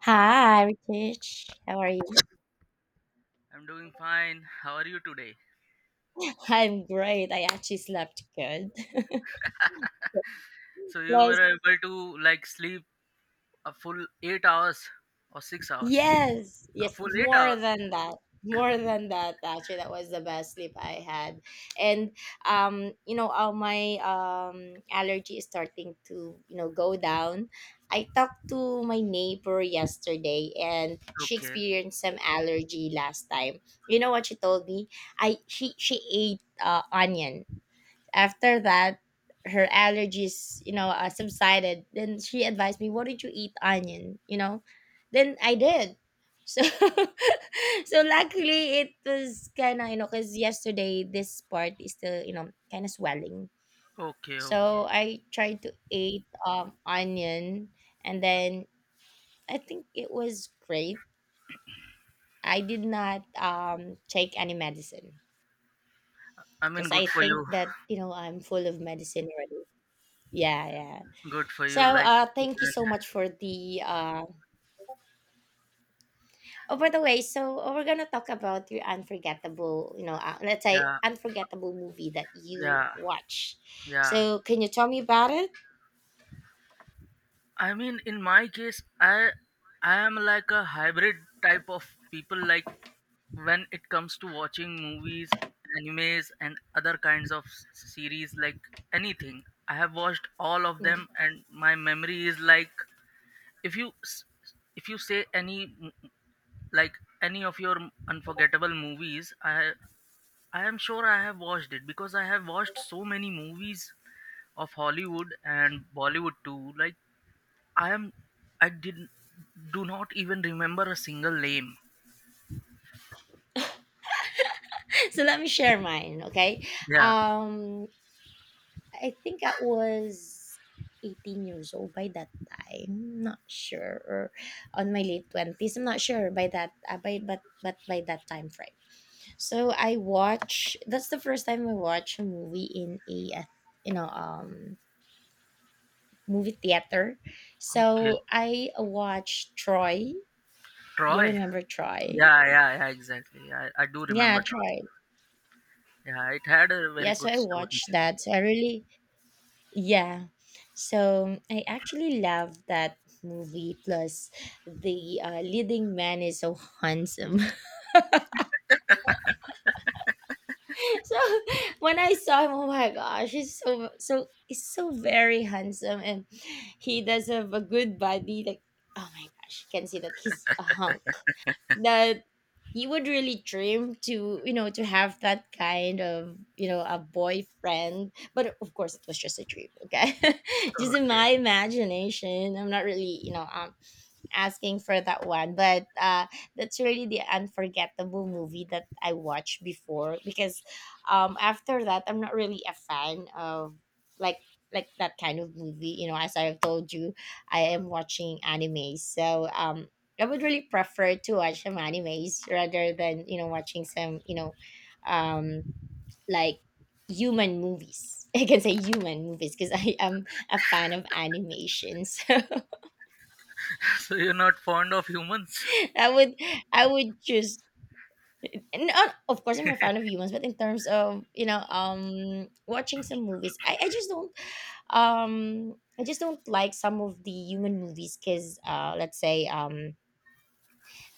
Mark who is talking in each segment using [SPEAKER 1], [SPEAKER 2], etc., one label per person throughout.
[SPEAKER 1] Hi, Ritesh. How are you?
[SPEAKER 2] I'm doing fine. How are you today?
[SPEAKER 1] I'm great. I actually slept good.
[SPEAKER 2] So you were
[SPEAKER 1] Plus,
[SPEAKER 2] able to, like, sleep a full 8 hours or 6 hours?
[SPEAKER 1] yes,
[SPEAKER 2] A
[SPEAKER 1] yes,
[SPEAKER 2] full eight
[SPEAKER 1] more
[SPEAKER 2] hours.
[SPEAKER 1] than that. More than that, actually, that was the best sleep I had. And all my allergy is starting to, go down. I talked to my neighbor yesterday and she
[SPEAKER 2] Okay.
[SPEAKER 1] experienced some allergy last time. You know what she told me? I she ate onion. After that, her allergies, subsided. Then she advised me, why don't you eat onion, then I did. So so luckily it was kind of, because yesterday this part is still, kind of swelling.
[SPEAKER 2] Okay. Okay.
[SPEAKER 1] So I tried to eat onion. And then I think it was great. I did not take any medicine
[SPEAKER 2] I mean,
[SPEAKER 1] because
[SPEAKER 2] good
[SPEAKER 1] I
[SPEAKER 2] for
[SPEAKER 1] think
[SPEAKER 2] you.
[SPEAKER 1] that, I'm full of medicine already. Yeah, yeah.
[SPEAKER 2] Good for
[SPEAKER 1] So,
[SPEAKER 2] you. Like,
[SPEAKER 1] thank you so much for the. Oh, by the way, we're gonna talk about your unforgettable, let's say
[SPEAKER 2] yeah,
[SPEAKER 1] unforgettable movie that you
[SPEAKER 2] yeah,
[SPEAKER 1] watch.
[SPEAKER 2] yeah.
[SPEAKER 1] So, can you tell me about it?
[SPEAKER 2] I mean, in my case, I am like a hybrid type of people. Like when it comes to watching movies, animes, and other kinds of series, like anything, I have watched all of
[SPEAKER 1] Mm.
[SPEAKER 2] them, and my memory is like... if you s- if you say like any of your unforgettable movies, I am sure I have watched it because I have watched so many movies of Hollywood and Bollywood, too. Like, I am I did do not even remember a single name.
[SPEAKER 1] So let me share mine, okay?
[SPEAKER 2] Yeah.
[SPEAKER 1] Um, I think I was 18 years old by that time. Not sure, or on my late twenties. I'm not sure by that. By but by that time frame. So I watch. That's the first time I watch a movie in a you know um movie theater.
[SPEAKER 2] Okay.
[SPEAKER 1] So I watched Troy. You
[SPEAKER 2] Troy.
[SPEAKER 1] remember Troy?
[SPEAKER 2] Yeah, yeah, yeah, exactly. I do
[SPEAKER 1] Yeah,
[SPEAKER 2] remember Tron.
[SPEAKER 1] Troy.
[SPEAKER 2] Yeah, it had a very
[SPEAKER 1] Yeah, so
[SPEAKER 2] good
[SPEAKER 1] I
[SPEAKER 2] story.
[SPEAKER 1] watched that. So I really. Yeah. So I actually love that movie. Plus, the leading man is so handsome. So when I saw him, oh my gosh, he's so very handsome, and he does have a good body. Like, oh my gosh, you can see that he's a hunk. That you would really dream to, to have that kind of, a boyfriend. But of course it was just a dream, okay. Just in
[SPEAKER 2] Okay.
[SPEAKER 1] my imagination, I'm not really, asking for that one, but that's really the unforgettable movie that I watched before because after that, I'm not really a fan of, like, that kind of movie, as I've told you. I am watching anime, so I would really prefer to watch some animes rather than, watching some, um like human movies. I can say human movies because I am a fan of animation. So
[SPEAKER 2] So you're not fond of humans?
[SPEAKER 1] i would I would choose. And of course I'm a fan of humans, but in terms of, watching some movies, I just don't like some of the human movies because, let's say,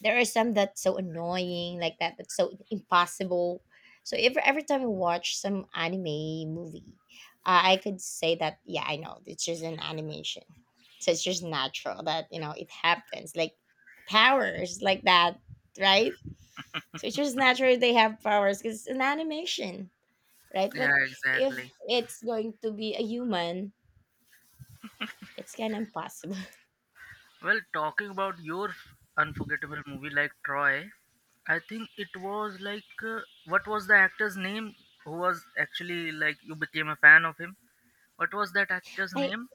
[SPEAKER 1] there are some that's so annoying, like that, that's so impossible. So every time I watch some anime movie, I could say that, yeah, I know it's just an animation, so it's just natural that, it happens, like powers like that, right? So it's just natural they have powers because it's an animation, right? But
[SPEAKER 2] Yeah,
[SPEAKER 1] if
[SPEAKER 2] exactly.
[SPEAKER 1] it's going to be a human, it's kind of impossible.
[SPEAKER 2] Well, talking about your unforgettable movie like Troy, I think it was like what was the actor's name who was actually, like, you became a fan of him? What was that actor's
[SPEAKER 1] I
[SPEAKER 2] name?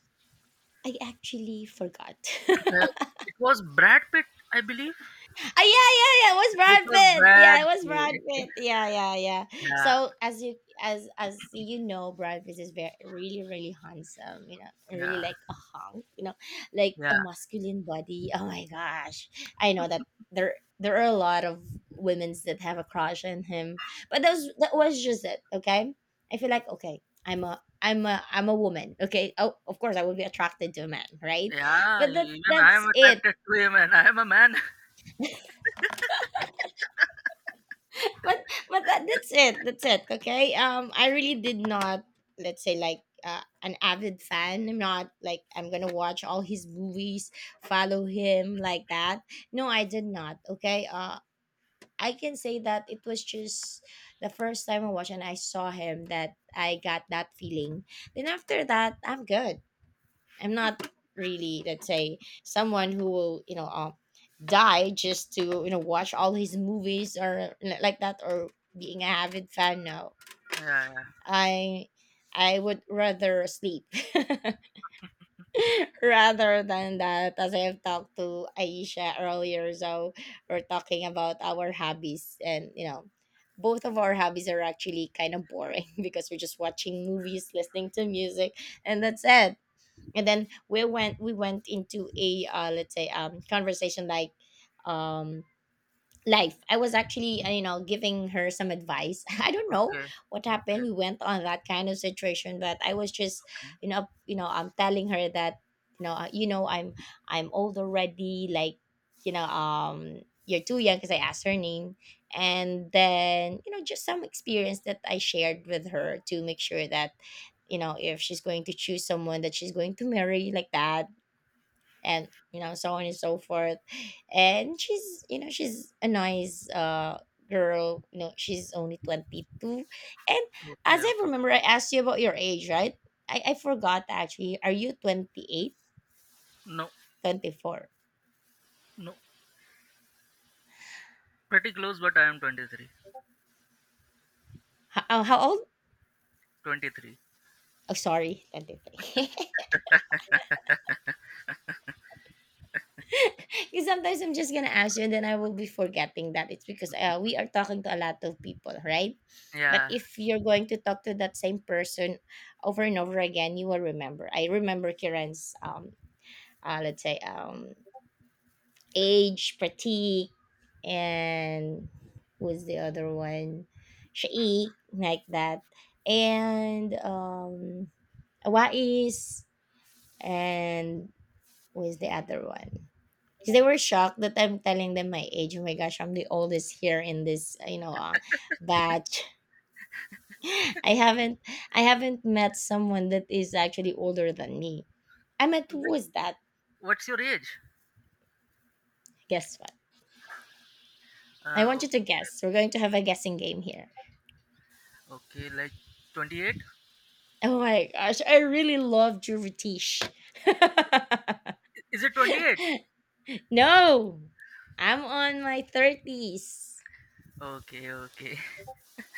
[SPEAKER 1] I actually forgot.
[SPEAKER 2] Uh, it was Brad Pitt, I believe.
[SPEAKER 1] Ah, yeah, yeah, yeah. It was
[SPEAKER 2] It
[SPEAKER 1] Brad
[SPEAKER 2] was
[SPEAKER 1] Pitt. Yeah,
[SPEAKER 2] Brad
[SPEAKER 1] it was Brad
[SPEAKER 2] Pitt.
[SPEAKER 1] Pitt. Yeah, yeah, yeah.
[SPEAKER 2] Yeah,
[SPEAKER 1] So as you know, Brad Pitt is very, really, really handsome. You know, really
[SPEAKER 2] yeah,
[SPEAKER 1] like a hunk. You know, like a
[SPEAKER 2] yeah.
[SPEAKER 1] masculine body. Oh my gosh, I know that there are a lot of women's that have a crush on him, but that was just it. Okay, I feel like, okay, I'm a woman. Okay, oh, of course I would be attracted to a man, right?
[SPEAKER 2] Yeah,
[SPEAKER 1] But that
[SPEAKER 2] even I am
[SPEAKER 1] that's it.
[SPEAKER 2] attracted to him, and I am a man.
[SPEAKER 1] But that's it, okay. I really did not, let's say, like, an avid fan. I'm not like I'm gonna watch all his movies, follow him like that. No, I did not, okay. I can say that it was just the first time I watched and I saw him that I got that feeling. Then after that, I'm good. I'm not really, let's say, someone who will, die just to, watch all his movies or like that or being a avid fan. No,
[SPEAKER 2] Yeah, yeah.
[SPEAKER 1] I, I would rather sleep rather than that. As I have talked to Aisha earlier, so we're talking about our hobbies and, both of our hobbies are actually kind of boring because we're just watching movies, listening to music, and that's it. And then we went into a, let's say, conversation, like, um life. I was actually, giving her some advice. I don't know
[SPEAKER 2] Okay,
[SPEAKER 1] what happened.
[SPEAKER 2] okay,
[SPEAKER 1] We went on that kind of situation, but I was just,
[SPEAKER 2] okay,
[SPEAKER 1] I'm telling her that, you know, uh, you know, I'm, I'm old already. Like, you're too young because I asked her name, and then, just some experience that I shared with her to make sure that, if she's going to choose someone that she's going to marry like that, and, so on and so forth. And she's a nice, girl, she's only 22 and
[SPEAKER 2] okay,
[SPEAKER 1] as I
[SPEAKER 2] okay.
[SPEAKER 1] remember, I asked you about your age, right? I forgot actually, are you 28,
[SPEAKER 2] No,
[SPEAKER 1] 24?
[SPEAKER 2] no, pretty close, but I am 23.
[SPEAKER 1] How old
[SPEAKER 2] 23.
[SPEAKER 1] Oh, sorry. 23. Because sometimes I'm just gonna ask you and then I will be forgetting that. It's because, we are talking to a lot of people, right? But
[SPEAKER 2] Yeah.
[SPEAKER 1] if you're going to talk to that same person over and over again, you will remember. I remember Kiran's, let's say, age fatigue, and who's the other one, Shaik, like that, and Awais, and who's the other one, because they were shocked that I'm telling them my age. Oh my gosh, I'm the oldest here in this, batch. i haven't I haven't met someone that is actually older than me. I met, who
[SPEAKER 2] Like,
[SPEAKER 1] was that?
[SPEAKER 2] what's your age?
[SPEAKER 1] Guess what, I
[SPEAKER 2] Uh,
[SPEAKER 1] want
[SPEAKER 2] o-
[SPEAKER 1] you to guess. We're going to have a guessing game here.
[SPEAKER 2] okay, like 28?
[SPEAKER 1] Oh my gosh, I really love Juvetish.
[SPEAKER 2] Is it 28?
[SPEAKER 1] No, I'm on my 30s.
[SPEAKER 2] Okay, okay,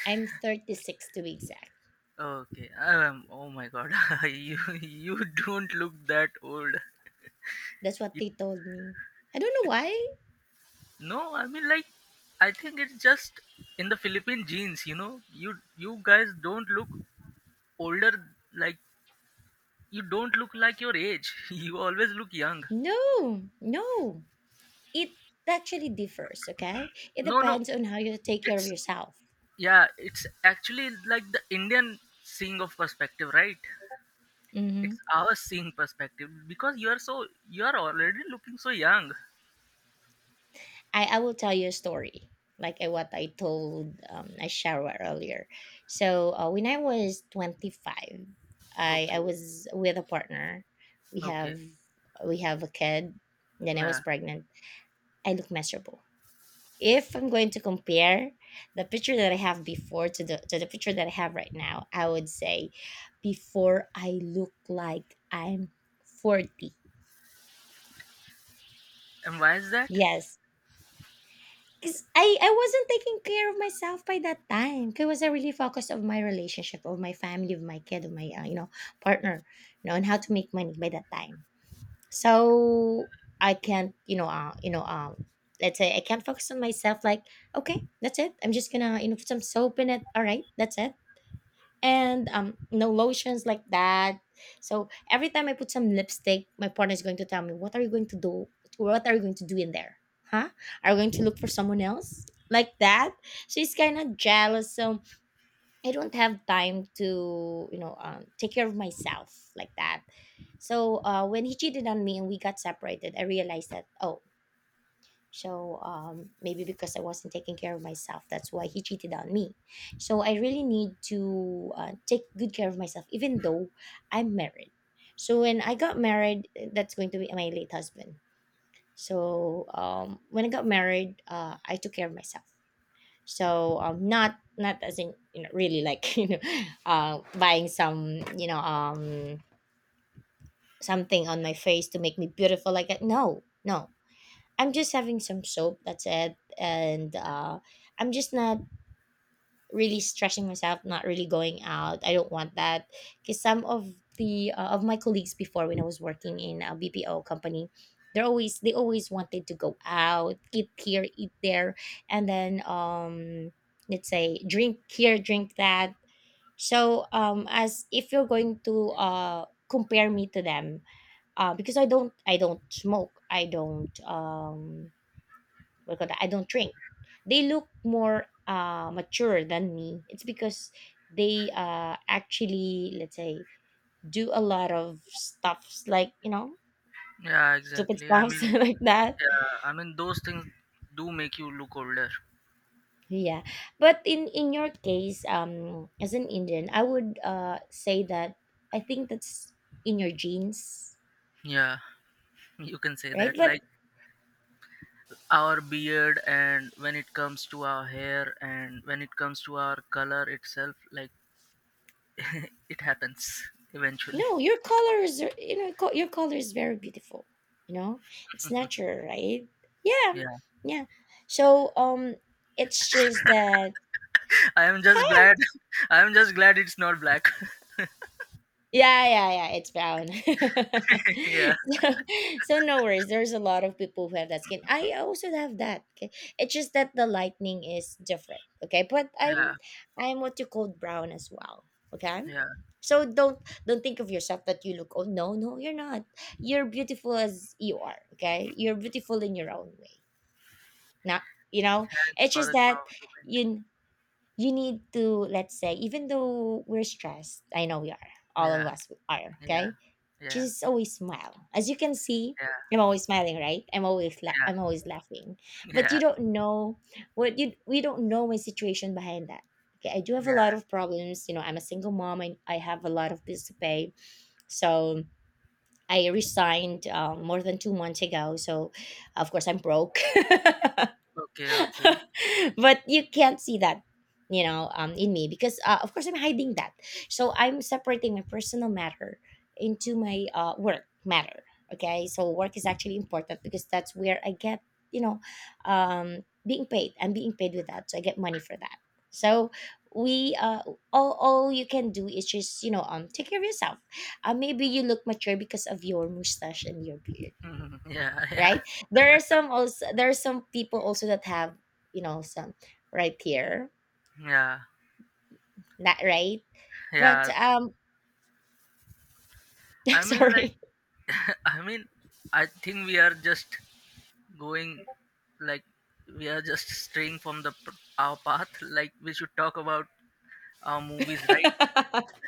[SPEAKER 1] I'm 36 to be exact.
[SPEAKER 2] okay. Oh my God, you don't look that old.
[SPEAKER 1] That's what
[SPEAKER 2] You-
[SPEAKER 1] they told me. I don't know why.
[SPEAKER 2] No, I mean, like, I think it's just in the Philippine genes. You know, you guys don't look older, like you don't look like your age. You always look young.
[SPEAKER 1] No, no. It actually differs, okay? It
[SPEAKER 2] No, no,
[SPEAKER 1] depends on how you take care of
[SPEAKER 2] it's,
[SPEAKER 1] yourself.
[SPEAKER 2] yeah, it's actually like the Indian seeing of perspective, right? It's
[SPEAKER 1] Mhm.
[SPEAKER 2] our seeing perspective because you are already looking so young.
[SPEAKER 1] I will tell you a story, like, what I told, Ashara earlier. So when I was 25, I
[SPEAKER 2] Okay,
[SPEAKER 1] was with a partner. We
[SPEAKER 2] okay,
[SPEAKER 1] have we have a kid. Then I
[SPEAKER 2] yeah.
[SPEAKER 1] was pregnant. I look miserable. If I'm going to compare the picture that I have before to the picture that I have right now, I would say before I look like I'm 40.
[SPEAKER 2] And why is that?
[SPEAKER 1] Yes, 'cause I wasn't taking care of myself by that time, 'cause I was, really focused of my relationship, of my family, of my kid, of my, partner, and how to make money by that time. So, I can't, let's say I can't focus on myself like, "Okay, that's it. I'm just gonna, put some soap in it. Alright, that's it." And no lotions like that. So every time I put some lipstick, my partner is going to tell me, what are you going to do, what are you going to do in there, huh, are you going to look for someone else, like that. She's kind of jealous. So I don't have time to, take care of myself, like that. So when he cheated on me and we got separated, I realized that, oh, so, maybe because I wasn't taking care of myself, that's why he cheated on me. So I really need to, take good care of myself, even though I'm married. So when I got married, eh, that's going to be my late husband. So when I got married, I took care of myself. So not as in, really like buying some, something on my face to make me beautiful like that. No, no. I'm just having some soap. That's it. And, I'm just not really stressing myself. Not really going out. I don't want that because some of the of my colleagues before when I was working in a BPO company, they always wanted to go out, eat here, eat there, and then, let's say, drink here, drink that. So as if you're going to, compare me to them, because I don't smoke. I don't. Because I don't drink. They look more, mature than me. It's because they, actually, let's say, do a lot of stuffs like,
[SPEAKER 2] Yeah,
[SPEAKER 1] stupid
[SPEAKER 2] exactly. I
[SPEAKER 1] stuffs
[SPEAKER 2] mean,
[SPEAKER 1] like that.
[SPEAKER 2] yeah, I mean, those things do make you look older.
[SPEAKER 1] Yeah, but in your case, as an Indian, I would, say that I think that's in your genes,
[SPEAKER 2] Yeah, you can say that,
[SPEAKER 1] right? But
[SPEAKER 2] like, our beard, and when it comes to our hair, and when it comes to our color itself, like, it happens eventually.
[SPEAKER 1] no, your colors are, your color is very beautiful. You know, it's natural, right? Yeah,
[SPEAKER 2] Yeah,
[SPEAKER 1] yeah. So it's just that.
[SPEAKER 2] I am just
[SPEAKER 1] Wow,
[SPEAKER 2] glad I am just glad it's not black.
[SPEAKER 1] yeah, yeah, yeah, it's brown.
[SPEAKER 2] Yeah,
[SPEAKER 1] so, so no worries. There's a lot of people who have that skin. I also have that. Okay. It's just that the lightning is different. Okay. But
[SPEAKER 2] yeah,
[SPEAKER 1] I'm what you call brown as well. Okay.
[SPEAKER 2] yeah,
[SPEAKER 1] So don't think of yourself that you look old. No, no, you're not. You're beautiful as you are. Okay. You're beautiful in your own way. Not, you know,
[SPEAKER 2] thanks
[SPEAKER 1] it's
[SPEAKER 2] for
[SPEAKER 1] just
[SPEAKER 2] the
[SPEAKER 1] that
[SPEAKER 2] compliment.
[SPEAKER 1] you you need to, let's say, even though we're stressed, I know we are, all of
[SPEAKER 2] Yeah,
[SPEAKER 1] us are,
[SPEAKER 2] yeah,
[SPEAKER 1] okay.
[SPEAKER 2] yeah,
[SPEAKER 1] Just always smile. As you can see,
[SPEAKER 2] yeah,
[SPEAKER 1] I'm always smiling, right?
[SPEAKER 2] yeah,
[SPEAKER 1] I'm always laughing. But you
[SPEAKER 2] yeah,
[SPEAKER 1] don't know, what you we don't know my situation behind that. Okay, I do have a
[SPEAKER 2] yeah.
[SPEAKER 1] lot of problems, I'm a single mom and I have a lot of bills to pay. So I resigned, more than 2 months ago. So of course I'm broke.
[SPEAKER 2] Okay, okay.
[SPEAKER 1] But you can't see that, in me, because, of course I'm hiding that. So I'm separating my personal matter into my, work matter. Okay, so work is actually important because that's where I get, you know being paid. I'm being paid with that, so I get money for that. So we all you can do is just, take care of yourself. Maybe you look mature because of your mustache and your beard,
[SPEAKER 2] Mhm. Yeah, yeah,
[SPEAKER 1] right? There are some people also that have, some, right here,
[SPEAKER 2] yeah,
[SPEAKER 1] not right, but
[SPEAKER 2] yeah,
[SPEAKER 1] um
[SPEAKER 2] I mean, like,
[SPEAKER 1] Sorry.
[SPEAKER 2] I mean, I think we are just going, like, we are just straying from the our path, like we should talk about our movies, right?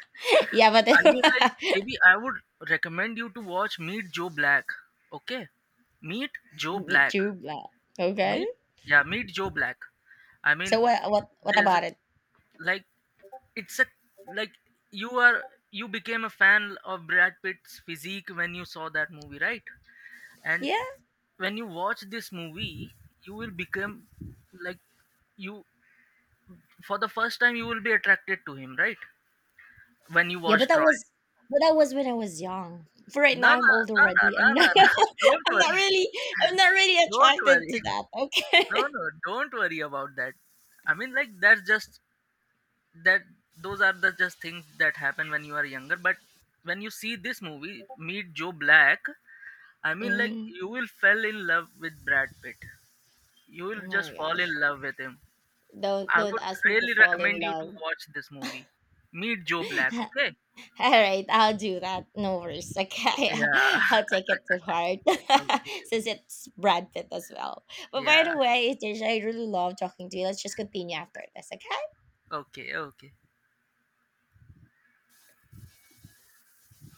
[SPEAKER 1] Yeah, but
[SPEAKER 2] I mean, like, maybe I would recommend you to watch Meet Joe Black. Okay. Meet Joe Black.
[SPEAKER 1] tube lah. Okay,
[SPEAKER 2] Meet, yeah, Meet Joe Black, I mean.
[SPEAKER 1] so what
[SPEAKER 2] There's a
[SPEAKER 1] about it?
[SPEAKER 2] Like, it's a like, you are you became a fan of Brad Pitt's physique when you saw that movie, right? And
[SPEAKER 1] Yeah,
[SPEAKER 2] when you watch this movie, you will become, like, you, for the first time you will be attracted to him, right? When you
[SPEAKER 1] yeah, but
[SPEAKER 2] watch Troy.
[SPEAKER 1] that was when I was young, for right
[SPEAKER 2] No,
[SPEAKER 1] now
[SPEAKER 2] no,
[SPEAKER 1] I'm old
[SPEAKER 2] no,
[SPEAKER 1] already, I'm
[SPEAKER 2] no, no,
[SPEAKER 1] not.
[SPEAKER 2] no, no. Don't
[SPEAKER 1] i'm not
[SPEAKER 2] worry.
[SPEAKER 1] really I'm not really
[SPEAKER 2] Don't
[SPEAKER 1] attracted
[SPEAKER 2] worry.
[SPEAKER 1] to that,
[SPEAKER 2] No,
[SPEAKER 1] okay.
[SPEAKER 2] no, don't worry about that. I mean, like, that's just that, those are the just things that happen when you are younger, but when you see this movie, Meet Joe Black, I mean, like,
[SPEAKER 1] mm,
[SPEAKER 2] you will fall in love with Brad Pitt. You
[SPEAKER 1] oh
[SPEAKER 2] will just
[SPEAKER 1] my
[SPEAKER 2] fall
[SPEAKER 1] gosh,
[SPEAKER 2] in love with him.
[SPEAKER 1] don't
[SPEAKER 2] I
[SPEAKER 1] don't
[SPEAKER 2] would
[SPEAKER 1] ask me to
[SPEAKER 2] really
[SPEAKER 1] fall in
[SPEAKER 2] recommend you to
[SPEAKER 1] love.
[SPEAKER 2] watch this movie. Meet Joe Black, okay?
[SPEAKER 1] All right, I'll do that. No worries. Okay.
[SPEAKER 2] Yeah.
[SPEAKER 1] I'll take it to heart
[SPEAKER 2] Okay.
[SPEAKER 1] since it's Brad Pitt as well. But by
[SPEAKER 2] Yeah.
[SPEAKER 1] the way, Tisha, I really love talking to you. Let's just continue after this, okay?
[SPEAKER 2] Okay. Okay.